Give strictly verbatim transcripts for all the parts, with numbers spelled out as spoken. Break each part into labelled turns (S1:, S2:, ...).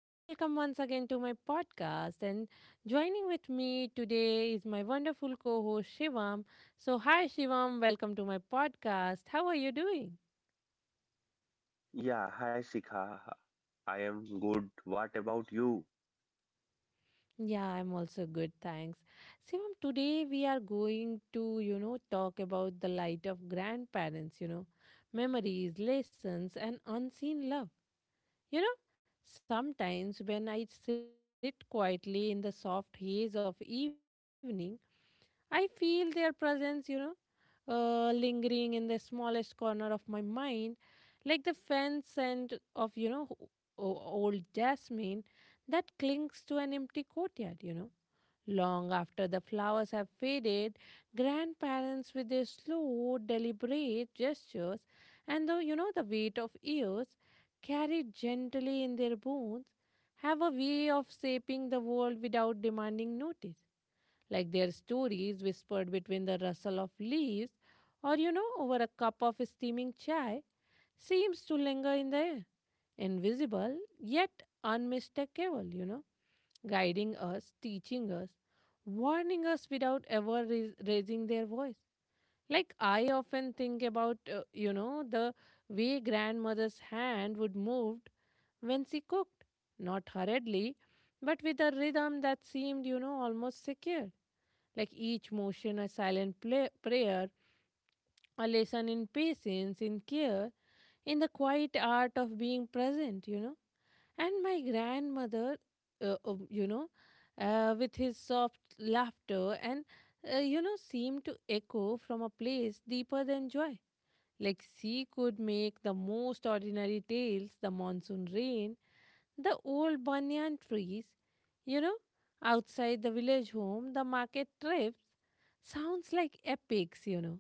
S1: and welcome once again to my podcast. And joining with me today is my wonderful co host Shivam. So, hi, Shivam, welcome to my podcast. How are you doing?
S2: Yeah, hi Sika. I am good. What about you?
S1: Yeah, I'm also good, thanks. Shivam, today we are going to, you know, talk about the light of grandparents, you know, memories, lessons, and unseen love. You know, Sometimes when I sit quietly in the soft haze of evening, I feel their presence, you know, uh, lingering in the smallest corner of my mind, like the faint scent of, you know, o- o- old jasmine that clings to an empty courtyard, you know. Long after the flowers have faded, grandparents with their slow, deliberate gestures and the you know the weight of years carried gently in their bones have a way of shaping the world without demanding notice. Like their stories whispered between the rustle of leaves or you know over a cup of steaming chai seems to linger in the air, invisible yet unmistakable, you know guiding us, teaching us, warning us without ever rais- raising their voice. Like I often think about, uh, you know, the way grandmother's hand would move when she cooked, not hurriedly, but with a rhythm that seemed, you know, almost secure. Like each motion, a silent play- prayer, a lesson in patience, in care, in the quiet art of being present, you know. And my grandmother, uh, um, you know, uh, with his soft laughter and, uh, you know, seemed to echo from a place deeper than joy. Like she could make the most ordinary tales, the monsoon rain, the old banyan trees, you know, outside the village home, the market trips, sounds like epics, you know.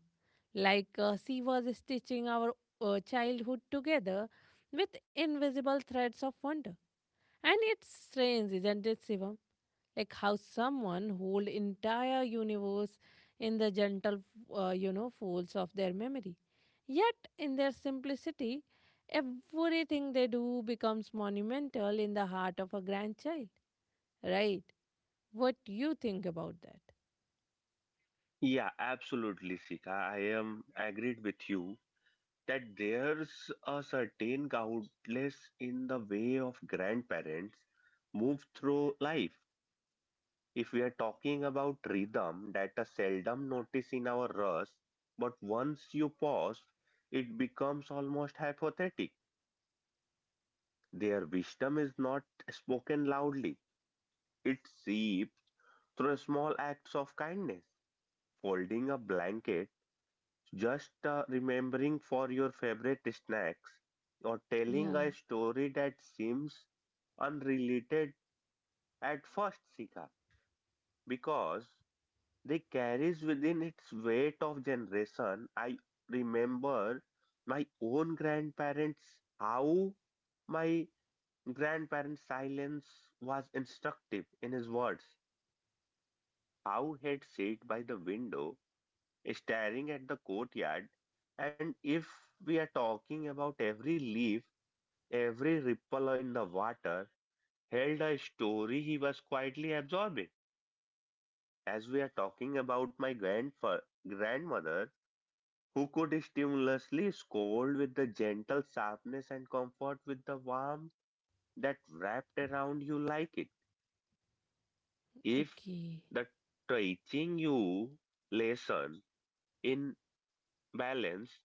S1: Like uh, she was stitching our uh, childhood together with invisible threads of wonder. And it's strange, isn't it, Shivam? Like how someone hold entire universe in the gentle, uh, you know, folds of their memory. Yet, in their simplicity, everything they do becomes monumental in the heart of a grandchild, right? What do you think about that?
S2: Yeah, absolutely, Sika. I am agreed with you that there's a certain countless in the way of grandparents move through life. If we are talking about rhythm that are seldom noticed in our rush, but once you pause, it becomes almost hypothetic. Their wisdom is not spoken loudly, it seeps through small acts of kindness folding a blanket, just uh, remembering for your favorite snacks, or telling
S1: Yeah,
S2: a story that seems unrelated at first, Sika, because they carries within its weight of generation. I remember my own grandparents. How my grandparents' silence was instructive in his words. How he'd sit by the window staring at the courtyard. And if we are talking about every leaf, every ripple in the water, held a story he was quietly absorbing. As we are talking about my grandfa- grandmother, who could stimulously scold with the gentle sharpness and comfort with the warmth that wrapped around you like it. If
S1: okay.
S2: the teaching you lesson in balance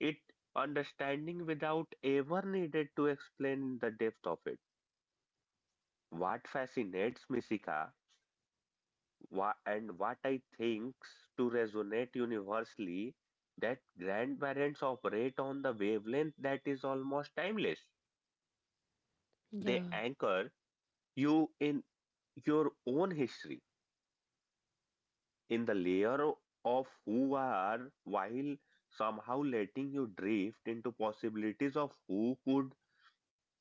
S2: it understanding without ever needed to explain the depth of it. What fascinates me, Sika, wha- and what I thinks to resonate universally, that grandparents operate on the wavelength that is almost timeless. They
S1: Yeah,
S2: anchor you in your own history, in the layer of who are, while somehow letting you drift into possibilities of who could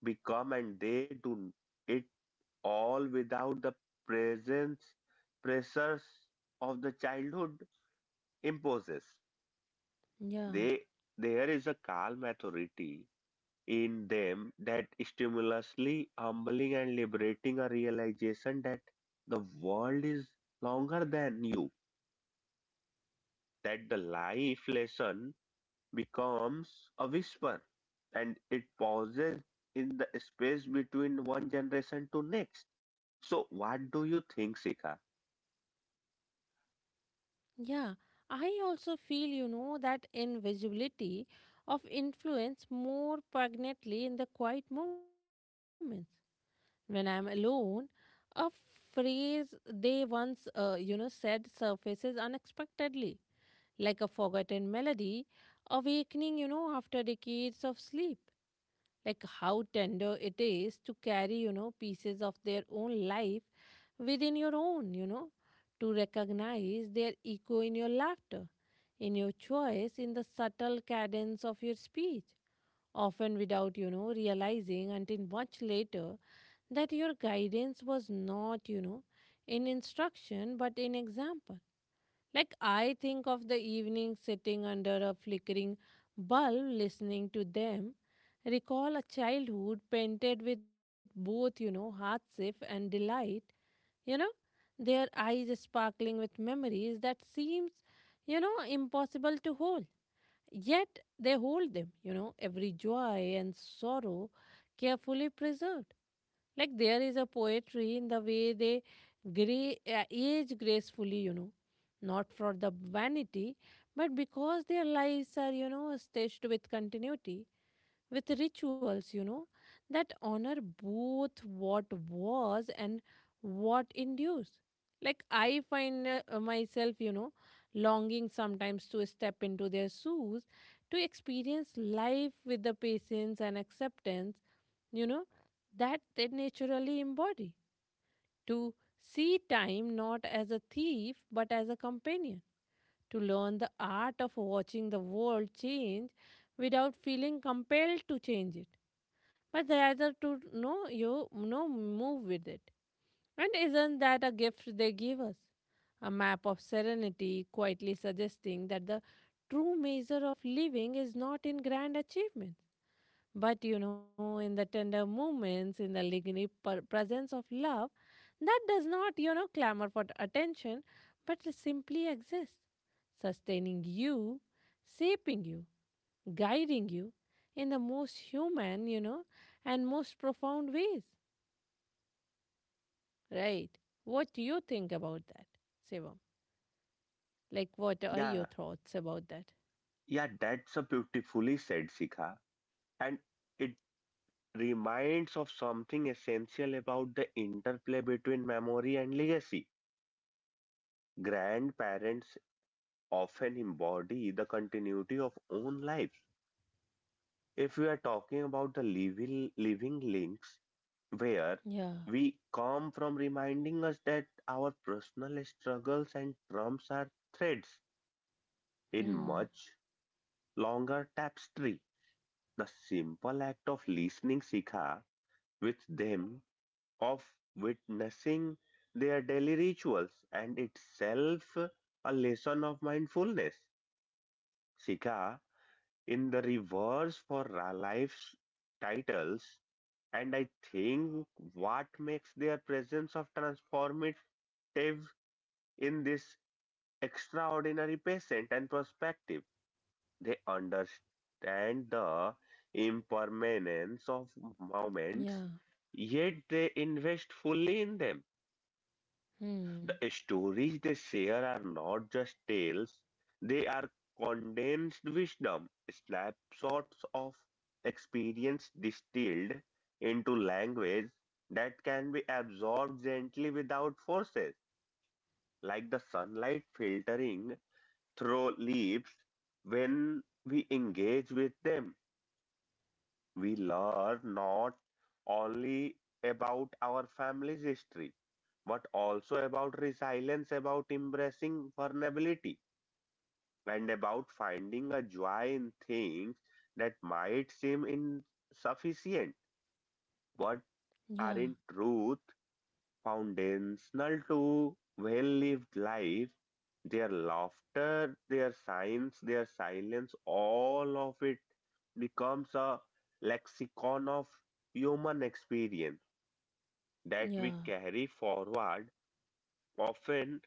S2: become, and they do it all without the presence pressures of the childhood imposes.
S1: yeah.
S2: They There is a calm authority in them that stimulously humbling and liberating a realization that the world is longer than you, that the life lesson becomes a whisper and it pauses in the space between one generation to next. So what do you think, Sika?
S1: Yeah, I also feel, you know, that invisibility of influence more poignantly in the quiet moments. When I'm alone, a phrase they once, uh, you know, said surfaces unexpectedly, like a forgotten melody, awakening, you know, after decades of sleep, like how tender it is to carry, you know, pieces of their own life within your own, you know, to recognize their echo in your laughter, in your choice, in the subtle cadence of your speech, often without, you know, realizing until much later that your guidance was not, you know, in instruction but in example. Like I think of the evening sitting under a flickering bulb listening to them. Recall a childhood painted with both, you know, hardship and delight, you know, their eyes sparkling with memories that seems, you know, impossible to hold. Yet they hold them, you know, every joy and sorrow carefully preserved. Like there is a poetry in the way they gray, uh, age gracefully, you know, not for the vanity, but because their lives are, you know, stitched with continuity, with rituals, you know, that honor both what was and what endures. Like, I find uh, myself, you know, longing sometimes to step into their shoes, to experience life with the patience and acceptance, you know, that they naturally embody. To see time not as a thief but as a companion. To learn the art of watching the world change without feeling compelled to change it, but the other to know you no move with it. And isn't that a gift they give us, a map of serenity quietly suggesting that the true measure of living is not in grand achievements, but you know in the tender moments, in the lingering per- presence of love that does not you know clamor for attention, but simply exists, sustaining you, shaping you, guiding you in the most human, you know, and most profound ways. Right. What do you think about that, Shivam? Like, what are
S2: Yeah,
S1: your thoughts about that?
S2: Yeah, that's a beautifully said, Sika. And it reminds of something essential about the interplay between memory and legacy. Grandparents often embody the continuity of own life. If we are talking about the living, living links, where
S1: Yeah.
S2: we come from reminding us that our personal struggles and trumps are threads in
S1: Hmm.
S2: much longer tapestry. The simple act of listening, Sika, with them of witnessing their daily rituals and itself a lesson of mindfulness. Sika in the reverse for ra- life's titles, and I think what makes their presence of transformative in this extraordinary patient and perspective. They understand the impermanence of moments,
S1: Yeah.
S2: yet they invest fully in them.
S1: Hmm.
S2: The stories they share are not just tales, they are condensed wisdom, snapshots of experience distilled into language that can be absorbed gently without forces, like the sunlight filtering through leaves when we engage with them. We learn not only about our family's history, but also about resilience, about embracing vulnerability, and about finding a joy in things that might seem insufficient but
S1: Yeah.
S2: are in truth foundational to well-lived life. Their laughter, their science, their silence, all of it becomes a lexicon of human experience that we
S1: Yeah.
S2: carry forward, often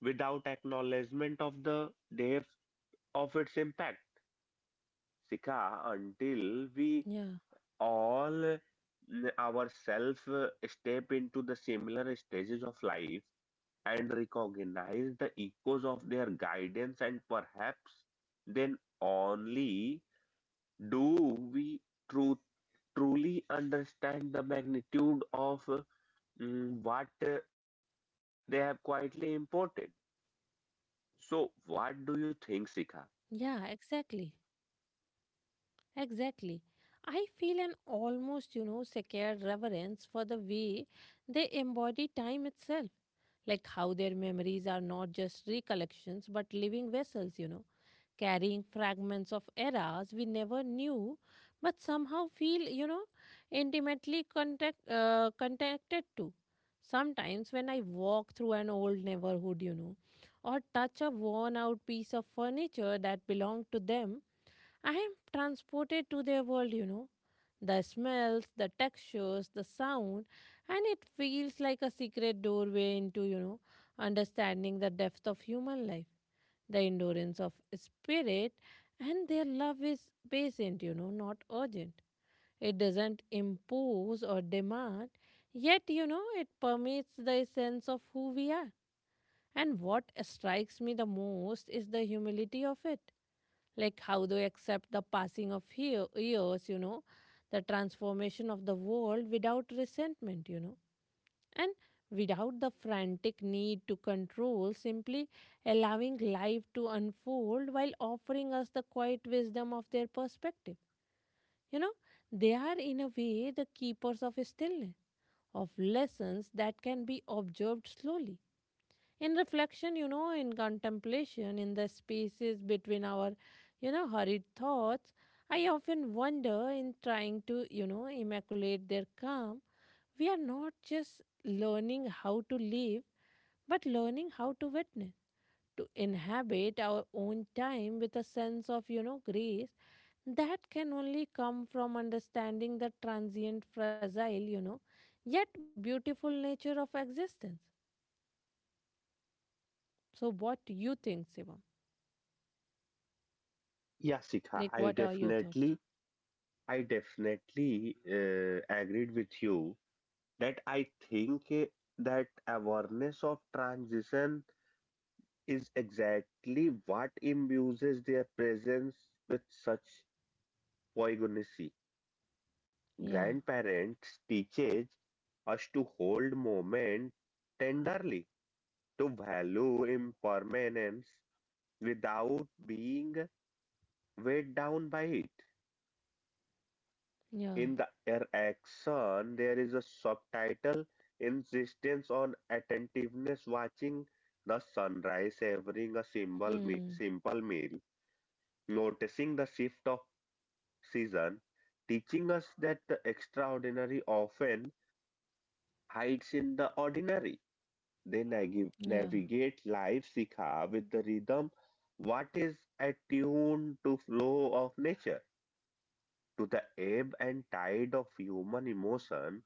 S2: without acknowledgement of the depth of its impact. Sika, until we
S1: Yeah.
S2: all mm, ourselves uh, step into the similar stages of life, and recognize the echoes of their guidance, and perhaps then only do we tru- truly understand the magnitude of uh, mm, what uh, they have quietly imported. So, what do you
S1: Yeah,
S2: think, Sika?
S1: exactly. Exactly. I feel an almost, you know, sacred reverence for the way they embody time itself. Like how their memories are not just recollections but living vessels, you know, carrying fragments of eras we never knew, but somehow feel, you know, intimately contact, uh, connected to. Sometimes when I walk through an old neighborhood, you know, or touch a worn out piece of furniture that belonged to them, I am transported to their world, you know. The smells, the textures, the sound, and it feels like a secret doorway into, you know, understanding the depth of human life, the endurance of spirit, and their love is patient, you know, not urgent. It doesn't impose or demand, yet, you know, it permeates the essence of who we are. And what strikes me the most is the humility of it. Like how they accept the passing of hea- years, you know, the transformation of the world without resentment, you know and without the frantic need to control, simply allowing life to unfold while offering us the quiet wisdom of their perspective. You know, they are in a way the keepers of stillness, of lessons that can be observed slowly. In reflection, you know, in contemplation, in the spaces between our, you know, hurried thoughts, I often wonder in trying to, you know, immaculate their calm, we are not just learning how to live, but learning how to witness, to inhabit our own time with a sense of, you know, grace that can only come from understanding the transient, fragile, you know, yet beautiful nature of existence. So, what do you think, Shivam?
S2: Yeah, Sikha,
S1: Like,
S2: I
S1: what are your thoughts?
S2: definitely, I definitely uh, agreed with you that I think uh, that awareness of transition is exactly what imbues their presence with such poignancy.
S1: Yeah,
S2: Grandparents teaches us to hold moment tenderly, to value impermanence without being weighed down by it.
S1: yeah.
S2: In the action, there is a subtitle insistence on attentiveness, watching the sunrise, savoring a simple, me-
S1: Hmm.
S2: simple meal, noticing the shift of season, teaching us that the extraordinary often hides in the ordinary. They nag-
S1: Yeah,
S2: navigate life, Sikha, with the rhythm what is attuned to flow of nature, to the ebb and tide of human emotion,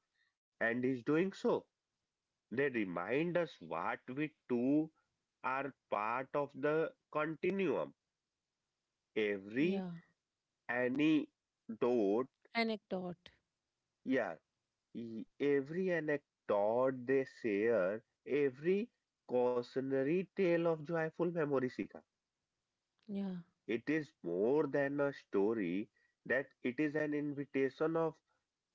S2: and is doing so. They remind us what we too are part of the continuum.
S1: yeah.
S2: Every anecdote,
S1: Anecdote.
S2: yeah. E- Every anecdote they share, every cautionary tale of joyful memory, Shikha.
S1: Yeah,
S2: It is more than a story, that it is an invitation of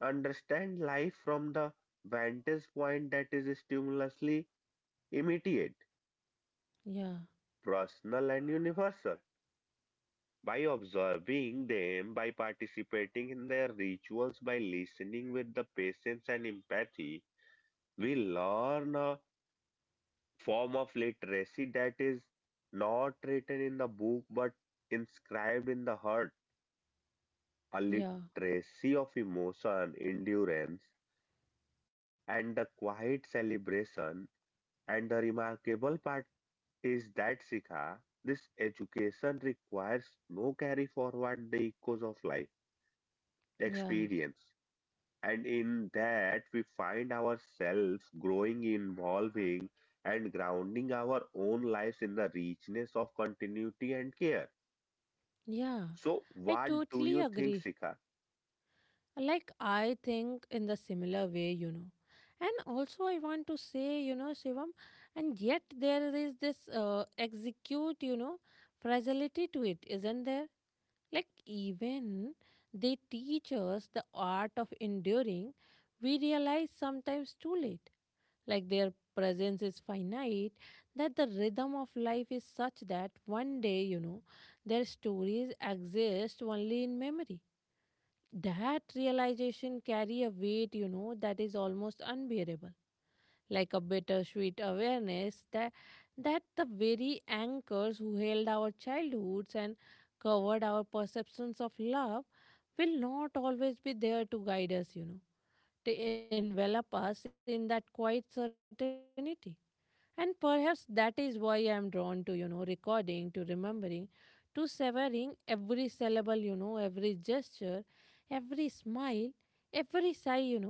S2: understand life from the vantage point that is stimulously immediate,
S1: yeah,
S2: personal and universal. By observing them, by participating in their rituals, by listening with the patience and empathy, we learn a form of literacy that is not written in the book but inscribed in the heart, a
S1: yeah,
S2: literacy of emotion, endurance, and the quiet celebration. And the remarkable part is that Sikha, this education requires no carry forward the echoes of life
S1: yeah,
S2: experience. And in that we find ourselves growing, evolving, and grounding our own lives in the richness of continuity and care.
S1: yeah.
S2: So,
S1: I
S2: what do
S1: totally
S2: you think,
S1: agree.
S2: Sika?
S1: Like, I think in the similar way, you know. And also, I want to say, you know, Shivam, and yet there is this uh, execute, you know, fragility to it, isn't there? Like, even they teach us the art of enduring, we realize sometimes too late. Like, their presence is finite, that the rhythm of life is such that one day, you know, their stories exist only in memory. That realization carry a weight you know that is almost unbearable, like a bittersweet awareness that that the very anchors who held our childhoods and covered our perceptions of love will not always be there to guide us, you know to envelop us in that quiet certainty. And perhaps that is why I'm drawn to, you know, recording, to remembering, to severing every syllable, you know, every gesture, every smile, every sigh, you know.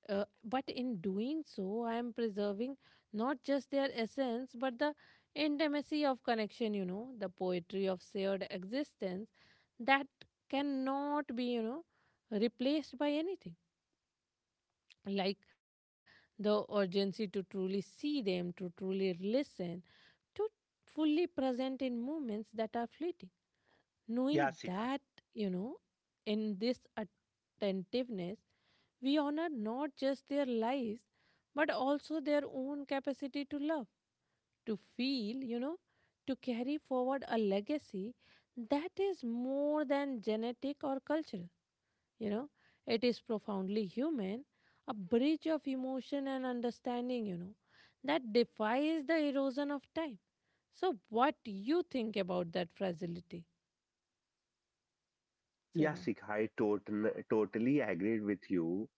S1: Uh, but in doing so, I am preserving not just their essence, but the intimacy of connection, you know, the poetry of shared existence that cannot be, you know, replaced by anything. Like the urgency to truly see them, to truly listen, to fully present in moments that are fleeting.
S2: Yeah,
S1: Knowing
S2: Sika.
S1: that, you know, in this attentiveness, we honor not just their lives, but also their own capacity to love, to feel, you know, to carry forward a legacy that is more than genetic or cultural. You know, it is profoundly human, a bridge of emotion and understanding, you know, that defies the erosion of time. So, what you think about that fragility,
S2: Yeah,
S1: Sevam?
S2: Sikha, I tot- totally agreed with you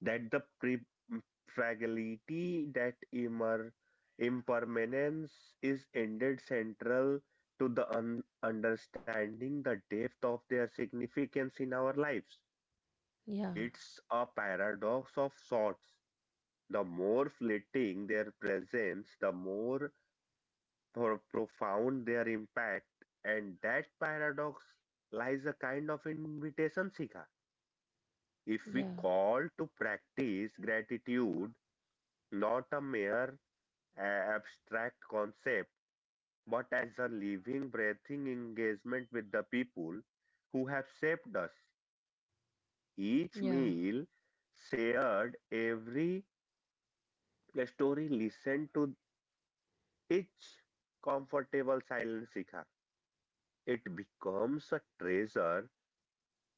S2: that the pre- mm, fragility, that immer- impermanence is indeed central to the un- understanding the depth of their significance in our lives.
S1: Yeah,
S2: It's a paradox of sorts. The more fleeting their presence, the more pro- profound their impact. And that paradox lies a kind of invitation, Sika. If we
S1: yeah,
S2: call to practice gratitude not a mere uh, abstract concept, but as a living, breathing engagement with the people who have shaped us, each
S1: yeah,
S2: meal shared, every story listened to. Each comfortable silence, Shikha, it becomes a treasure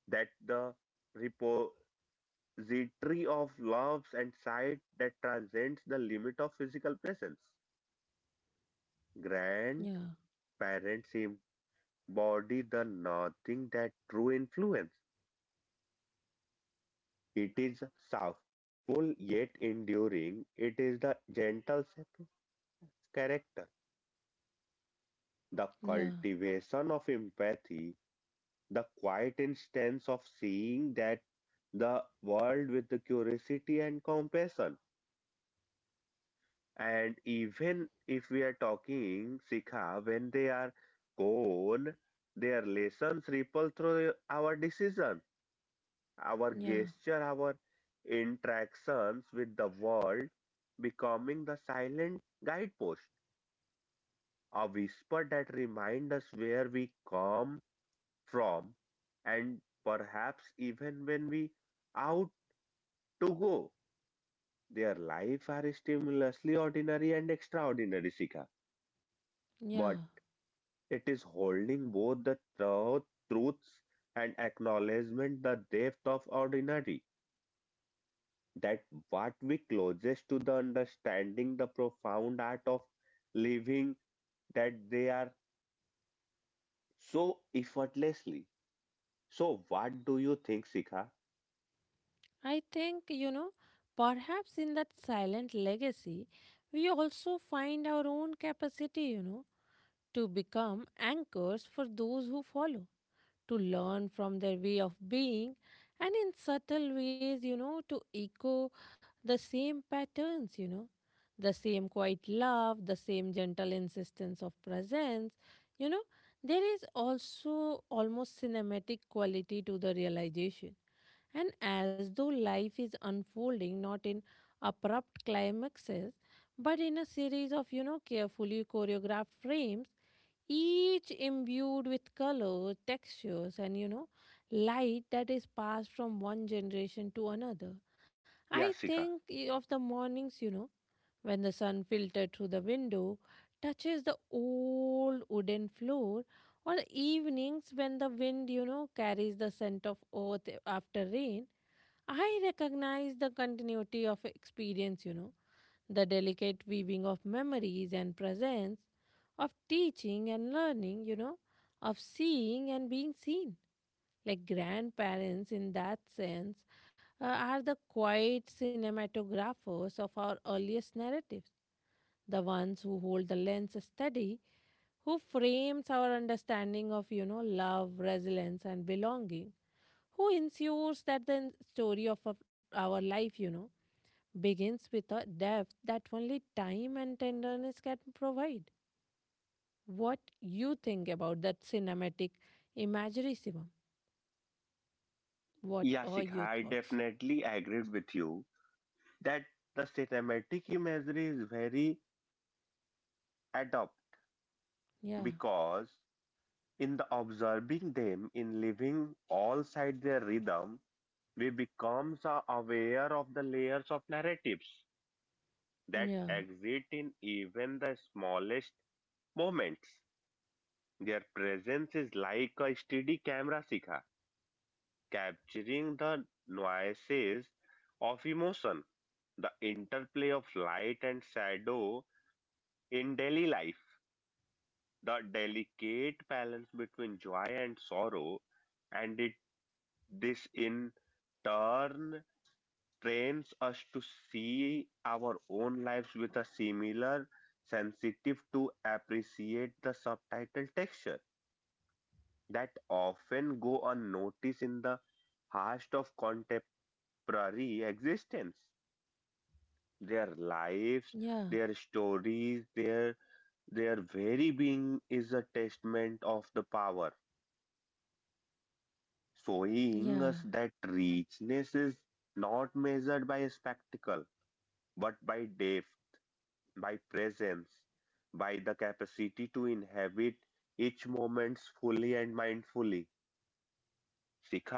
S2: that the repository of loves and sight that transcends the limit of physical presence. Grandparents
S1: yeah,
S2: embody the nothing that true influence. It is soft, full yet enduring. It is the gentle shape of character, the
S1: yeah,
S2: cultivation of empathy, the quiet instance of seeing that the world with the curiosity and compassion. And even if we are talking Sikha, when they are gone, their lessons ripple through our decisions, our
S1: yeah,
S2: gesture, our interactions with the world, becoming the silent guidepost, a whisper that reminds us where we come from, and perhaps even when we out to go. Their life are stimulously ordinary and extraordinary, Sika. But
S1: yeah.
S2: it is holding both the truth, truths and acknowledgement the depth of ordinary. That what we closest to the understanding the profound art of living that they are so effortlessly. So what do you think, Sika?
S1: I think, you know, perhaps in that silent legacy, we also find our own capacity, you know, to become anchors for those who follow, to learn from their way of being and in subtle ways, you know, to echo the same patterns, you know, the same quiet love, the same gentle insistence of presence. You know, there is also almost cinematic quality to the realization. And as though life is unfolding not in abrupt climaxes, but in a series of, you know, carefully choreographed frames, each imbued with color, textures, and you know, light that is passed from one generation to another. I
S2: Yeah,
S1: think
S2: Sika.
S1: eh, of the mornings, you know, when the sun filtered through the window touches the old wooden floor, or the evenings when the wind, you know, carries the scent of earth after rain. I recognize the continuity of experience, you know, the delicate weaving of memories and presence, of teaching and learning, you know, of seeing and being seen, like grandparents in that sense, uh, are the quiet cinematographers of our earliest narratives, the ones who hold the lens steady, who frames our understanding of, you know, love, resilience, and belonging, who ensures that the story of of our life, you know, begins with a depth that only time and tenderness can provide. What you think about that cinematic imagery, Shivam? What
S2: Yeah,
S1: are
S2: Sika.
S1: your
S2: I
S1: thoughts?
S2: definitely agree with you that the cinematic imagery is very adept.
S1: Yeah.
S2: Because in the observing them in living all side their rhythm, we become so aware of the layers of narratives that
S1: Yeah,
S2: exist in even the smallest moments. Their presence is like a steady camera sikha, capturing the nuances of emotion, the interplay of light and shadow in daily life, the delicate balance between joy and sorrow, and it. This in turn trains us to see our own lives with a similar sensitive to appreciate the subtitle texture that often go unnoticed in the heart of contemporary existence. Their lives,
S1: yeah,
S2: their stories, their their very being is a testament of the power, showing
S1: yeah,
S2: us that richness is not measured by a spectacle but by depth, by presence, by the capacity to inhabit each moment fully and mindfully.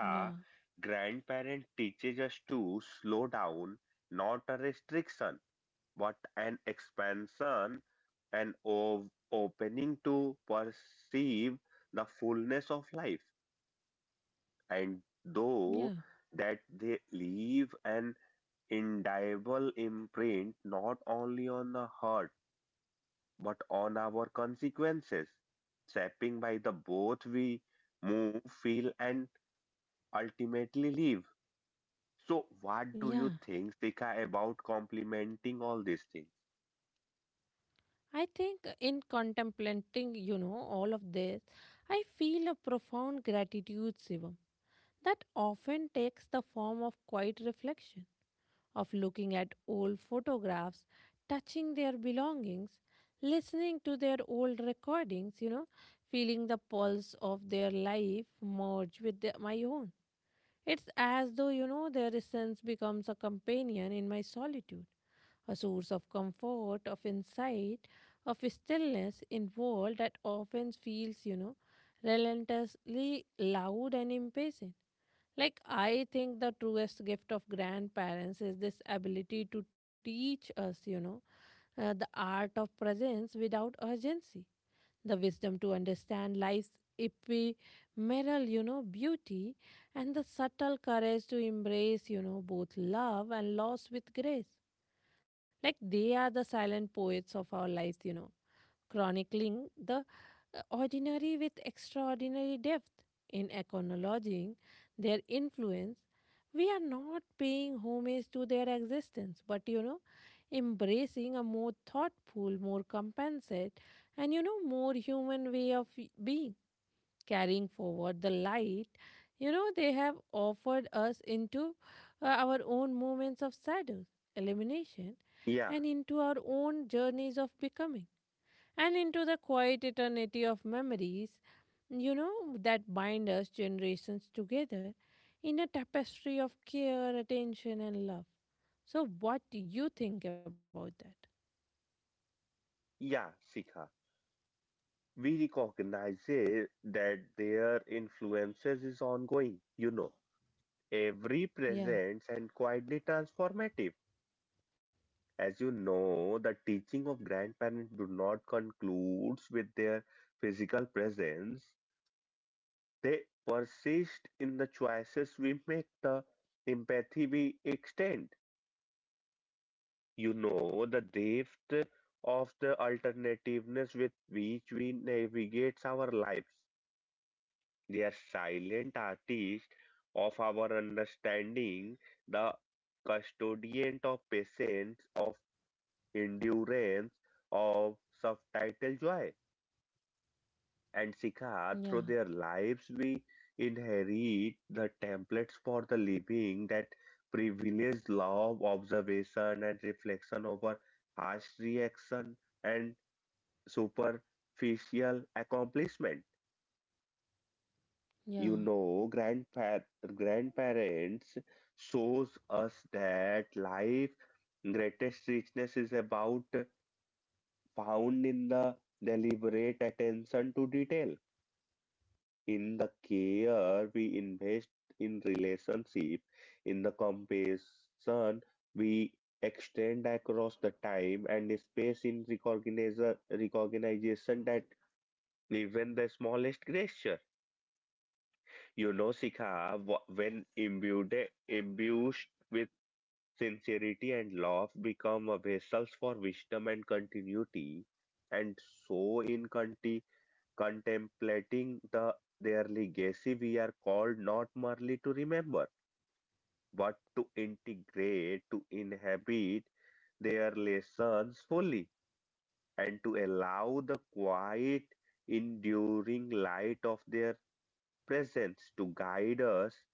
S1: yeah,
S2: grandparent teaches us to slow down, not a restriction, but an expansion, an ov- opening to perceive the fullness of life. And
S1: yeah,
S2: though that they leave an indelible imprint not only on the heart, but on our consequences, shaping by the both we move, feel, and ultimately live. So, what do you
S1: yeah.
S2: think, Sika, about complementing all these things?
S1: I think in contemplating, you know, all of this, I feel a profound gratitude, Shivam, that often takes the form of quiet reflection, of looking at old photographs, touching their belongings, listening to their old recordings, you know, feeling the pulse of their life merge with the, my own. It's as though, you know, their essence becomes a companion in my solitude, a source of comfort, of insight, of stillness in world that often feels, you know, relentlessly loud and impatient. Like I think the truest gift of grandparents is this ability to teach us, you know, uh, the art of presence without urgency, the wisdom to understand life's ephemeral, you know, beauty, and the subtle courage to embrace, you know, both love and loss with grace. Like they are the silent poets of our lives, you know, chronicling the uh, ordinary with extraordinary depth. In acknowledging their influence, we are not paying homage to their existence, but you know, embracing a more thoughtful, more compensate, and you know, more human way of being, carrying forward the light you know they have offered us into uh, our own moments of shadows elimination,
S2: Yeah,
S1: and into our own journeys of becoming, and into the quiet eternity of memories, you know, that bind us generations together in a tapestry of care, attention, and love. So, what do you think about that?
S2: yeah, Sika. We recognize it that their influences is ongoing. You know, every
S1: Yeah,
S2: presence and quietly transformative. As you know, the teaching of grandparents do not concludes with their physical presence. They persist in the choices we make, the empathy we extend. You know, the depth of the alternativeness with which we navigate our lives. They are silent artists of our understanding, the custodian of patience, of endurance, of subtitle joy. And Sikha,
S1: yeah,
S2: through their lives, we inherit the templates for the living that privilege love observation and reflection over harsh reaction and superficial accomplishment.
S1: yeah.
S2: You know, grandpa- grandparents shows us that life greatest richness is about found in the deliberate attention to detail. In the care we invest in relationship, in the compassion we extend across the time and space in recognition, recognition that even the smallest gesture. You know, Sikha, wh- when imbued, imbued with sincerity and love, become a vessels for wisdom and continuity. And so in contemplating the their legacy, we are called not merely to remember, but to integrate, to inhabit their lessons fully, and to allow the quiet, enduring light of their presence to guide us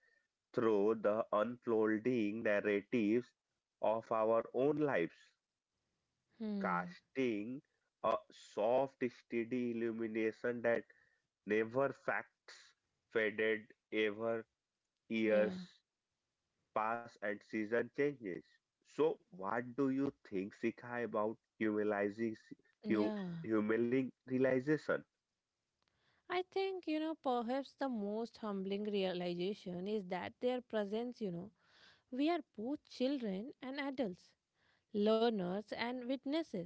S2: through the unfolding narratives of our own lives,
S1: Hmm.
S2: casting a soft, steady illumination that never facts faded, ever years
S1: Yeah,
S2: pass and season changes. So, what do you think, Sikha, about humanizing, hu,
S1: yeah.
S2: humaning realization?
S1: I think, you know, perhaps the most humbling realization is that their presence, you know, we are both children and adults, learners and witnesses,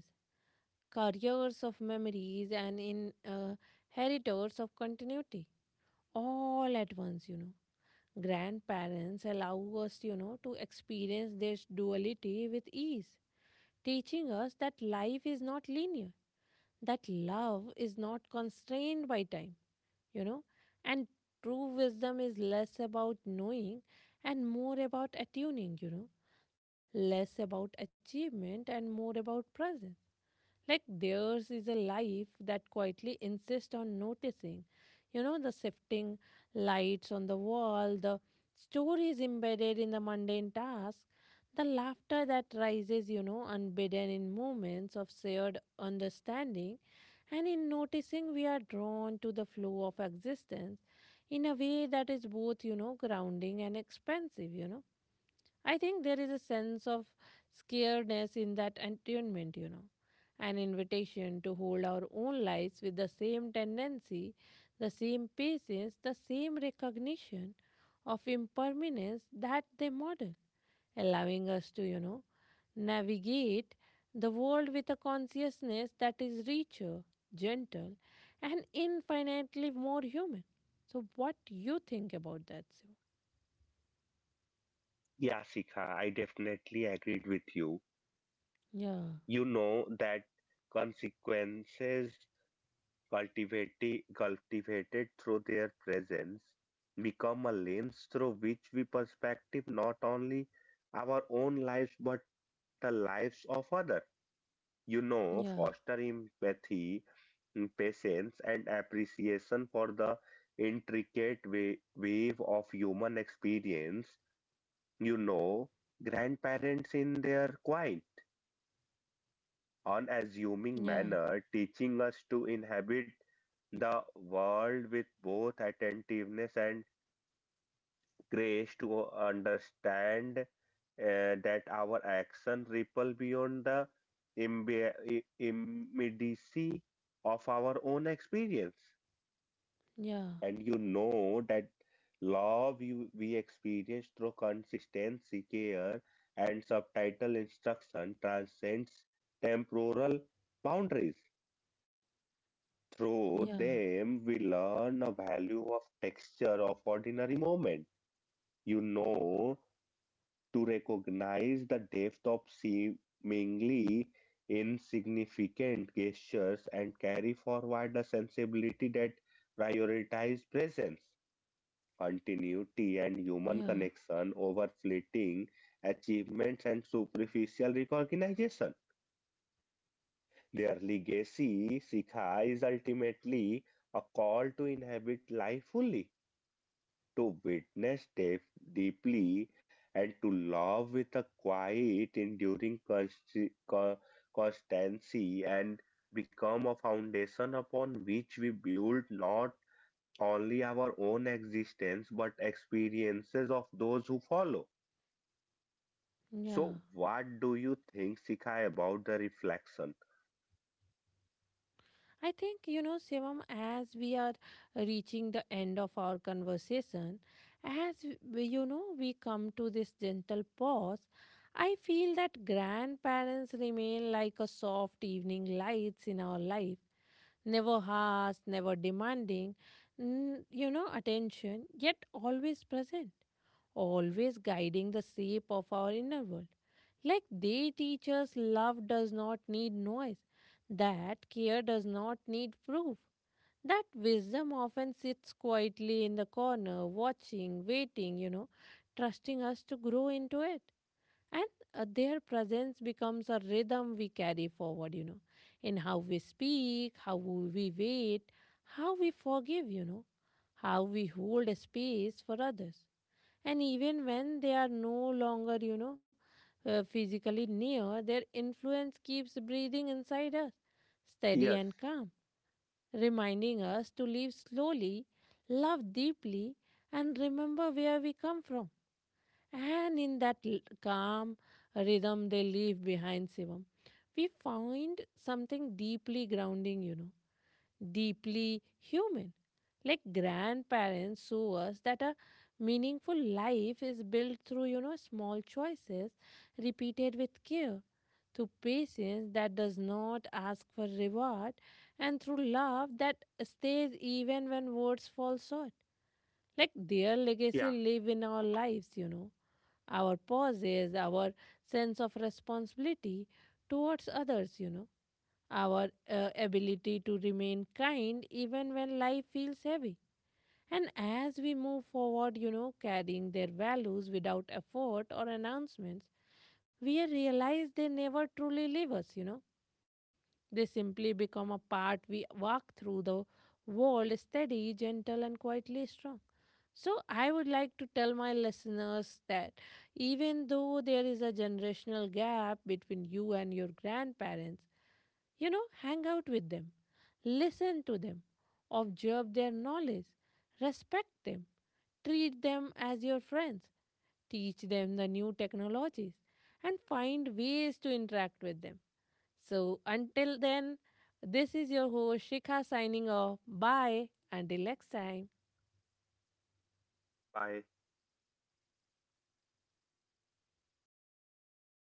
S1: careers of memories and in uh, heritors of continuity all at once. You know grandparents allow us, you know to experience this duality with ease, teaching us that life is not linear, that love is not constrained by time, you know and true wisdom is less about knowing and more about attuning, you know less about achievement and more about presence. Like theirs is a life that quietly insists on noticing. You know, the shifting lights on the wall, the stories embedded in the mundane task, the laughter that rises, you know, unbidden in moments of shared understanding. And in noticing, we are drawn to the flow of existence in a way that is both, you know, grounding and expansive, you know. I think there is a sense of scaredness in that attunement, you know, an invitation to hold our own lives with the same tendency, the same patience, the same recognition of impermanence that they model, allowing us to, you know, navigate the world with a consciousness that is richer, gentle, and infinitely more human. So, what you think about that, Shiva?
S2: Yeah, Sikha, I definitely agreed with you.
S1: Yeah,
S2: You know that consequences cultivated, cultivated through their presence become a lens through which we perspective not only our own lives but the lives of others. You know,
S1: yeah,
S2: foster empathy, mm, patience, and appreciation for the intricate wa- wave of human experience. You know, grandparents in their quiet,
S1: yeah.
S2: unassuming manner, teaching us to inhabit the world with both attentiveness and grace to understand uh, that our action ripple beyond the imbe- i- immediacy of our own experience.
S1: Yeah,
S2: And you know that love you, we experience through consistency, care, and subtitle instruction transcends temporal boundaries.
S1: yeah,
S2: Through them, we learn the value of texture of ordinary moment. You know to recognize the depth of seemingly insignificant gestures and carry forward the sensibility that prioritizes presence, continuity, and
S1: yeah,
S2: human connection over fleeting achievements and superficial recognition. Their legacy, Sikha, is ultimately a call to inhabit life fully to witness deep, deeply and to love with a quiet, enduring consi- co- constancy and become a foundation upon which we build not only our own existence but experiences of those who follow.
S1: yeah.
S2: So, what do you think, Sikha, about the reflection?
S1: I think, you know, Shivam, as we are reaching the end of our conversation, as we, you know, we come to this gentle pause, I feel that grandparents remain like a soft evening lights in our life, never harsh, never demanding, n- you know, attention, yet always present, always guiding the shape of our inner world. Like they teach us, love does not need noise, that care does not need proof, that wisdom often sits quietly in the corner, watching, waiting, you know, trusting us to grow into it. And uh, their presence becomes a rhythm we carry forward, you know, in how we speak, how we wait, how we forgive, you know, how we hold space for others. And even when they are no longer, you know, uh, physically near, their influence keeps breathing inside us, steady
S2: Yes,
S1: and calm, reminding us to live slowly, love deeply, and remember where we come from. And in that l- calm rhythm they leave behind, Shivam, we find something deeply grounding, you know deeply human. Like grandparents show us that a meaningful life is built through, you know, small choices repeated with care, through patience that does not ask for reward, and through love that stays even when words fall short. Like their legacy
S2: yeah,
S1: live in our lives, you know, our pauses, our sense of responsibility towards others, you know our uh, ability to remain kind even when life feels heavy. And as we move forward, you know, carrying their values without effort or announcements, we realize they never truly leave us, you know. They simply become a part we walk through the world steady, gentle, and quietly strong. So, I would like to tell my listeners that even though there is a generational gap between you and your grandparents, you know, hang out with them, listen to them, observe their knowledge, respect them, treat them as your friends, teach them the new technologies, and find ways to interact with them. So, until then, this is your host Shikha signing off. Bye. Until next time.
S2: bye.